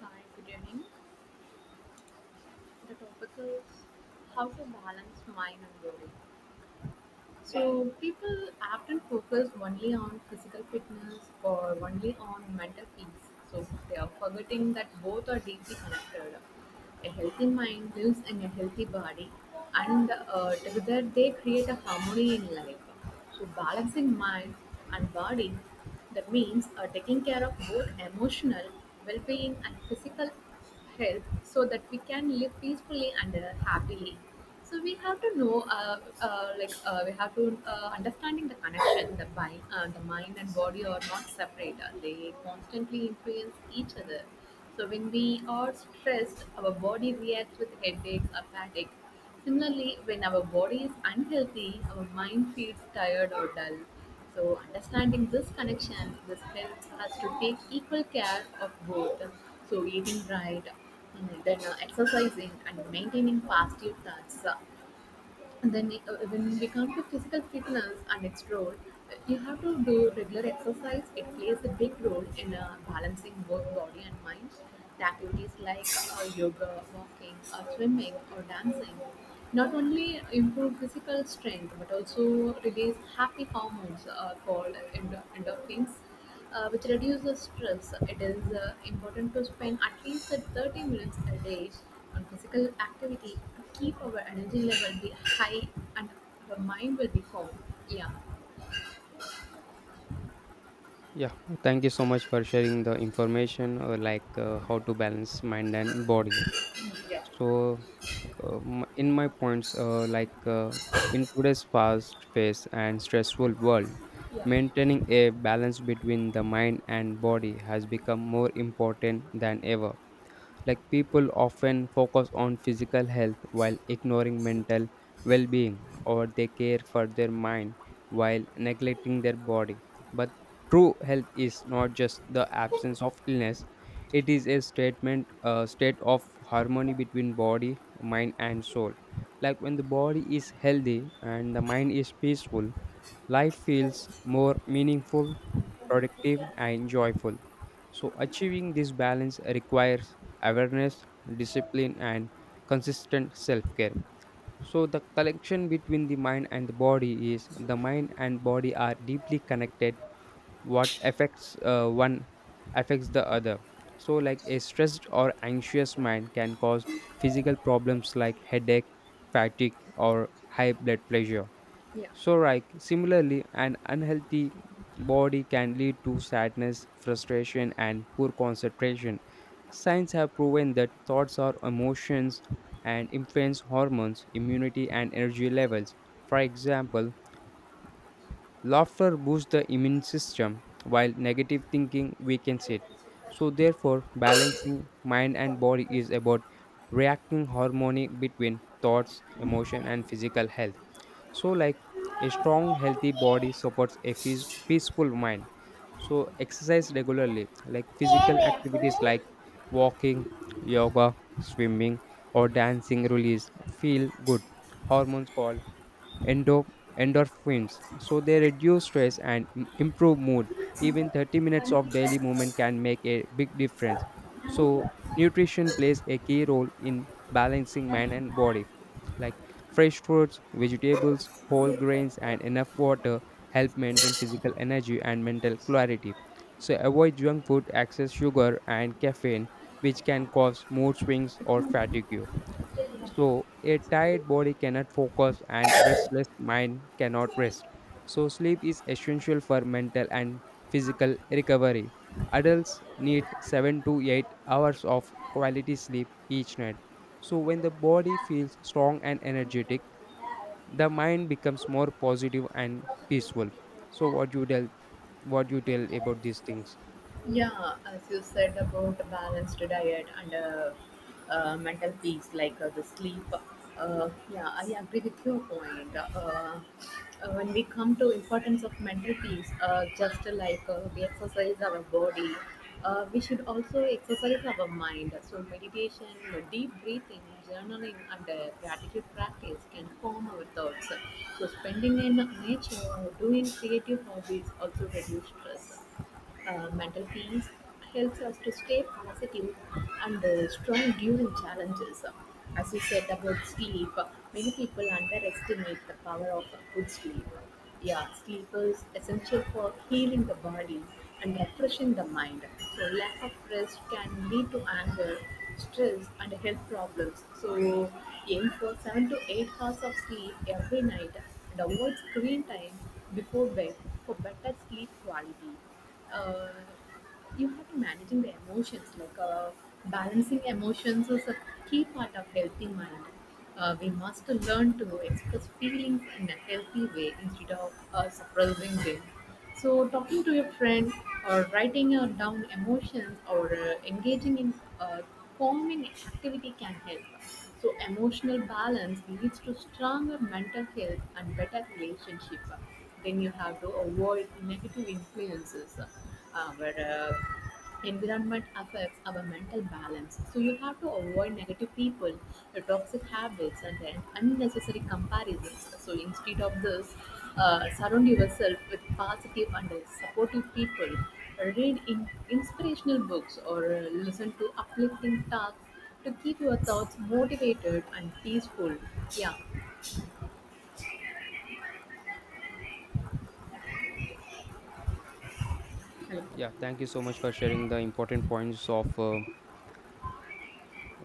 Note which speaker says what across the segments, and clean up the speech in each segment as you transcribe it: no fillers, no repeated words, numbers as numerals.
Speaker 1: Hi, good evening. The topic is how to balance mind and body. So, people often focus only on physical fitness or only on mental peace. So, they are forgetting that both are deeply connected. A healthy mind lives in a healthy body, and together they create a harmony in life. So balancing mind and body, that means taking care of both emotional well-being and physical health, so that we can live peacefully and happily. So we have to know, we have to understanding the connection. The mind and body are not separate. They constantly influence each other. So when we are stressed, our body reacts with headaches or fatigue. Similarly, when our body is unhealthy, our mind feels tired or dull. So, understanding this connection, this helps us to take equal care of both. So, eating right, mm, then exercising and maintaining positive thoughts. And then when we come to physical fitness and its role, you have to do regular exercise. It plays a big role in balancing both body and mind. The activities like yoga, walking, or swimming, or dancing not only improve physical strength but also release happy hormones endorphins, which reduces stress. It is important to spend at least 30 minutes a day on physical activity to keep our energy level be high and our mind will be calm. Yeah.
Speaker 2: Yeah, thank you so much for sharing the information how to balance mind and body.
Speaker 1: Yeah.
Speaker 2: So, in my points, like In today's fast paced and stressful world,
Speaker 1: Yeah,
Speaker 2: maintaining a balance between the mind and body has become more important than ever. Like, people often focus on physical health while ignoring mental well being, or they care for their mind while neglecting their body. But true health is not just the absence of illness, it is a state of harmony between body, mind, and soul. Like, when the body is healthy and the mind is peaceful, life feels more meaningful, productive, and joyful. So, achieving this balance requires awareness, discipline, and consistent self care. So, the connection between the mind and the body is the mind and body are deeply connected. What affects one affects the other. So, like, a stressed or anxious mind can cause physical problems like headache, fatigue, or high blood pressure,
Speaker 1: yeah.
Speaker 2: so, right, similarly, an unhealthy body can lead to sadness, frustration, and poor concentration. Science have proven that thoughts are emotions and influence hormones, immunity, and energy levels. For example, laughter boosts the immune system, while negative thinking weakens it. So, therefore, balancing mind and body is about reacting harmony between thoughts, emotion, and physical health. So, like, a strong healthy body supports a peaceful mind. So exercise regularly, like physical activities like walking, yoga, swimming, or dancing release feel good hormones called endo- endorphins, so they reduce stress and improve mood. Even 30 minutes of daily movement can make a big difference. So nutrition plays a key role in balancing mind and body, like fresh fruits, vegetables, whole grains, and enough water help maintain physical energy and mental clarity. So avoid junk food, excess sugar, and caffeine, which can cause mood swings or fatigue. So, a tired body cannot focus and restless mind cannot rest. So, sleep is essential for mental and physical recovery. Adults need 7 to 8 hours of quality sleep each night.
Speaker 1: ご視聴ありが
Speaker 2: So,
Speaker 1: とうござ
Speaker 2: when the body feels strong and energetic, the mind becomes more positive and peaceful. So,
Speaker 1: いました。
Speaker 2: what you tell about these things?
Speaker 1: Yeah, as you said about balanced diet and mental peace, like the sleep. Yeah, I agree with your point. When we come to importance of mental peace, just like we exercise our body, we should also exercise our mind. So meditation, deep breathing, journaling, and gratitude practice can calm our thoughts. So spending in nature, doing creative hobbies also reduce stress. Mental peace helps us to stay positive and strong during challenges. As you said about sleep, many people underestimate the power of good sleep. Yeah, sleep is essential for healing the body and refreshing the mind. So, lack of rest can lead to anger, stress, and health problems. So, aim for 7 to 8 hours of sleep every night and avoid screen time before bed for better sleep quality. uh, you have to managing the emotions, like, balancing emotions is a key part of healthy mind. We must learn to express feelings in a healthy way instead of suppressing them. So talking to your friend or writing down emotions or engaging in uh, calming activity can help. So emotional balance leads to stronger mental health and better relationship. Then you have to avoid negative influences. Our environment affects our mental balance, so you have to avoid negative people, the toxic habits, and then unnecessary comparisons. So instead of this, surround yourself with positive and supportive people, read in inspirational books or listen to uplifting talks to keep your thoughts motivated and peaceful. Yeah. Hello.
Speaker 2: Yeah, thank you so much for sharing the important points of uh,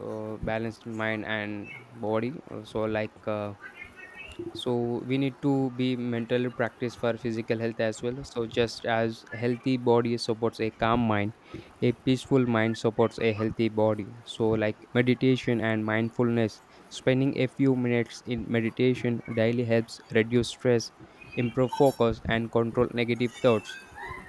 Speaker 2: uh, balanced mind and body. So, so we need to be mentally practice for physical health as well. So, just as healthy body supports a calm mind, a peaceful mind supports a healthy body. So, like meditation and mindfulness, spending a few minutes in meditation daily helps reduce stress, improve focus, and control negative thoughts.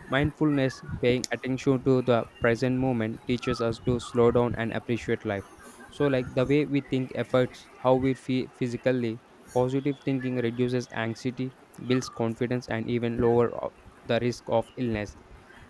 Speaker 2: Mindfulness, paying attention to the present moment, teaches us to slow down and appreciate life. So, like, the way we think affects how we feel physically. Positive thinking reduces anxiety, builds confidence, and even lower the risk of illness.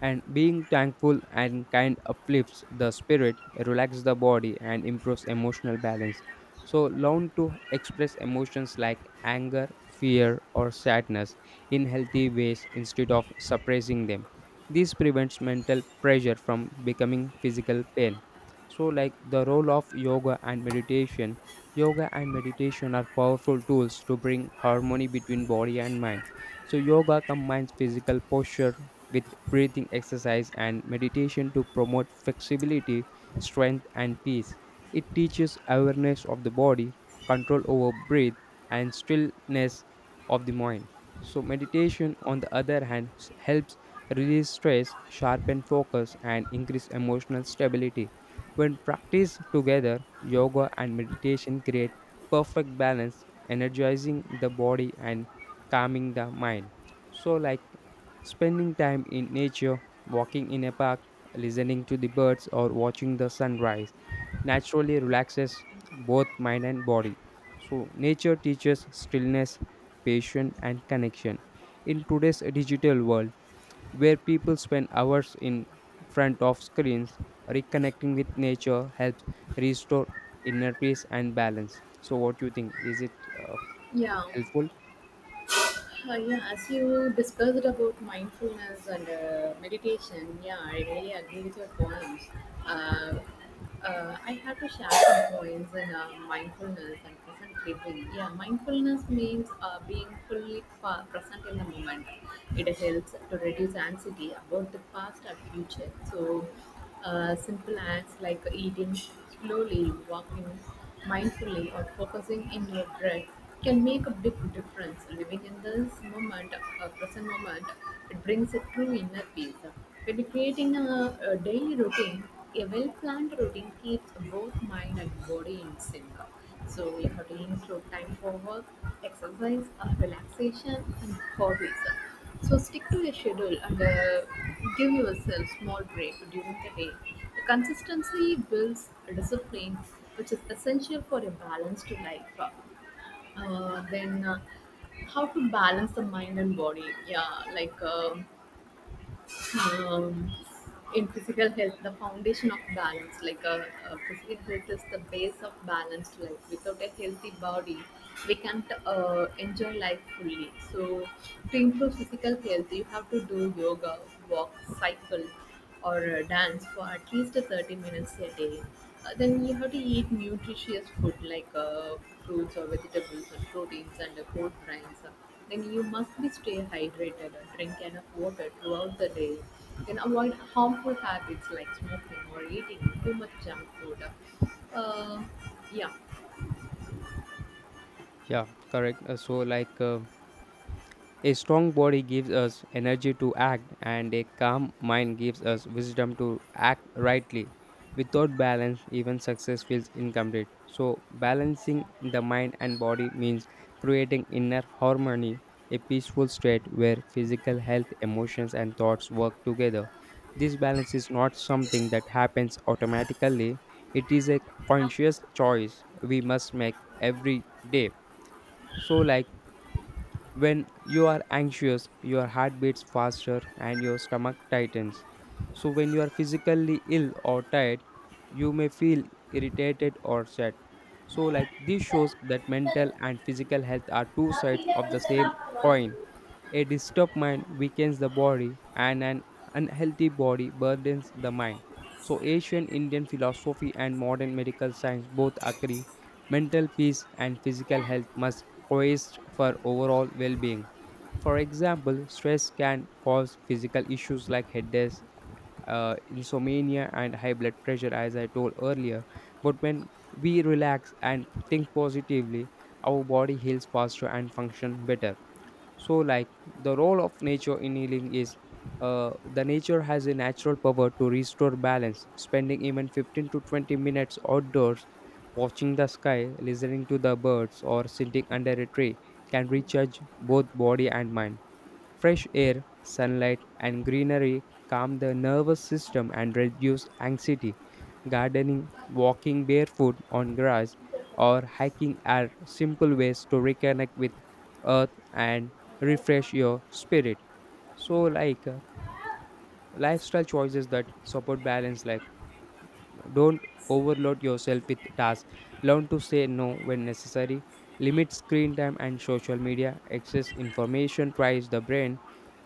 Speaker 2: And being thankful and kind uplifts the spirit, relaxes the body, and improves emotional balance. So, learn to express emotions like anger, fear, or sadness in healthy ways instead of suppressing them. This prevents mental pressure from becoming physical pain. So, like the role of yoga and meditation are powerful tools to bring harmony between body and mind. So, yoga combines physical posture with breathing exercise and meditation to promote flexibility, strength, and peace. It teaches awareness of the body, control over breath, and stillness of the mind. So, meditation, on the other hand, helps release stress, sharpen focus, and increase emotional stability. When practiced together, yoga and meditation create perfect balance, energizing the body and calming the mind. So, like spending time in nature, walking in a park, listening to the birds, or watching the sunrise naturally relaxes both mind and body. So, nature teaches stillness, patience, and connection. In today's digital world, where people spend hours in front of screens, reconnecting with nature helps restore inner peace and balance. So, what do you think? Is it uh,
Speaker 1: Yeah.
Speaker 2: helpful?
Speaker 1: Yeah, as you discussed about mindfulness and meditation, yeah, I really agree with your points. Uh, I have to share some points in mindfulness and present living. Yeah, mindfulness means being fully present in the moment. It helps to reduce anxiety about the past and future. So, simple acts like eating slowly, walking mindfully, or focusing in your breath can make a big difference. Living in this moment, present moment, it brings a true inner peace. When creating a daily routine, a well-planned routine keeps both mind and body in sync. So we have to include time for work, exercise, relaxation, and hobbies. So stick to your schedule and give yourself small break during the day. The consistency builds discipline, which is essential for a balanced life. Then, uh, how to balance the mind and body? Yeah, like. um, in physical health, the foundation of balance, like a physical health is the base of balanced life. Without a healthy body we can't enjoy life fully. So to improve physical health you have to do yoga, walk, cycle, or dance for at least 30 minutes a day. Then you have to eat nutritious food like fruits or vegetables and proteins and whole grains. Then you must be stay hydrated, drink enough water throughout the day. Then avoid harmful habits like smoking or eating too much junk food. Uh, yeah.
Speaker 2: Yeah, correct. A strong body gives us energy to act, and a calm mind gives us wisdom to act rightly. Without balance, even success feels incomplete. So, balancing the mind and body means creating inner harmony, a peaceful state where physical health, emotions, and thoughts work together. This balance is not something that happens automatically, it is a conscious choice we must make every day. So, like, when you are anxious, your heart beats faster and your stomach tightens. So, when you are physically ill or tired, you may feel irritated or sad. So, like, this shows that mental and physical health are two sides of the same coin. A disturbed mind weakens the body, and an unhealthy body burdens the mind. So, ancient Indian philosophy and modern medical science both agree mental peace and physical health must coexist for overall well being. For example, stress can cause physical issues like headaches, insomnia, and high blood pressure, as I told earlier. But when we relax and think positively, our body heals faster and functions better. So, like, the role of nature in healing is the nature has a natural power to restore balance. Spending even 15 to 20 minutes outdoors watching the sky, listening to the birds, or sitting under a tree can recharge both body and mind. Fresh air, sunlight, and greenery calm the nervous system and reduce anxiety. Gardening, walking barefoot on grass, or hiking are simple ways to reconnect with earth and refresh your spirit. So,
Speaker 1: Yeah.
Speaker 2: lifestyle choices that support balance, like don't overload yourself with tasks. Learn to say no when necessary. Limit screen time and social media. Excess information tries the brain.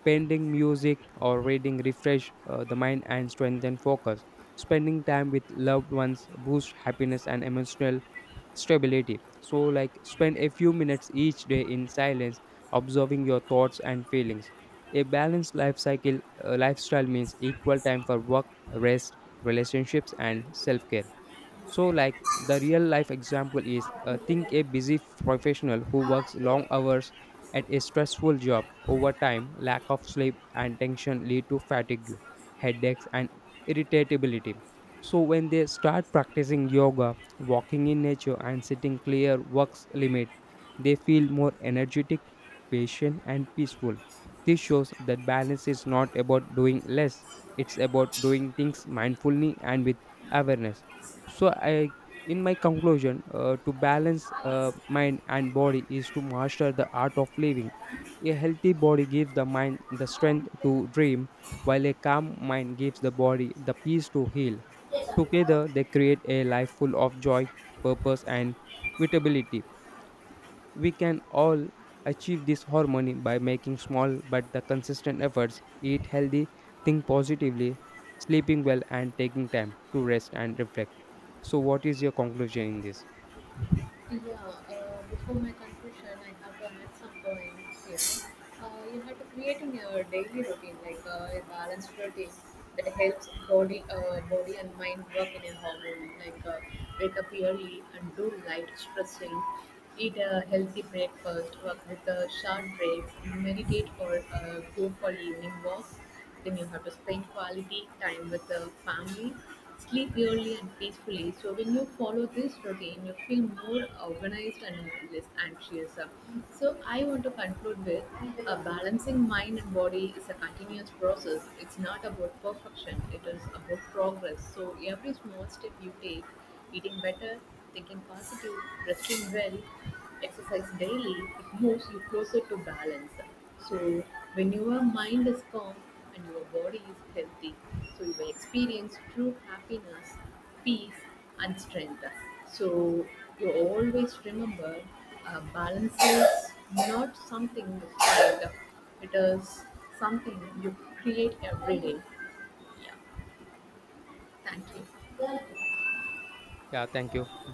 Speaker 2: Painting, music, or reading refresh the mind and strengthen focus. Spending time with loved ones boosts happiness and emotional stability. So, like, spend a few minutes each day in silence, observing your thoughts and feelings. A balanced life cycle lifestyle means equal time for work, rest, relationships, and self care. So, like the real life example is,
Speaker 1: Yeah,
Speaker 2: think a busy professional who works long hours at a stressful job. Over time, lack of sleep and tension lead to fatigue, headaches, and irritability. So, when they start practicing yoga, walking in nature, and setting clear works limit, they feel more energetic, patient, and peaceful. This shows that balance is not about doing less; it's about doing things mindfully and with awareness. So i in my conclusion uh, to balance mind and body is to master the art of living. A healthy body gives the mind the strength to dream, while a calm mind gives the body the peace to heal. Together they create a life full of joy, purpose, and vitability. We can all achieve this harmony by making small but the consistent efforts: eat healthy, think positively, sleeping well, and taking time to rest and reflect. So what is your conclusion in this?
Speaker 1: before my conclusion, I have to add some points here. You have to creating a daily routine, like a balanced routine that helps body and mind work in a harmony. Like wake up early and do light stretching, eat a healthy breakfast, work with a short break, meditate or go for evening walk. Then you have to spend quality time with the family, sleep early and peacefully. So when you follow this routine, you feel more organized and less anxious. So I want to conclude with a balancing mind and body is a continuous process. It's not about perfection. It is about progress. So every small step you take, eating better, thinking positive, resting well, exercise daily, it moves you closer to balance. So, when your mind is calm and your body is healthy, so you will experience true happiness, peace, and strength. So, you always remember, balance is not something you find, it is something you create every day. Yeah, thank you.
Speaker 2: Yeah, thank you.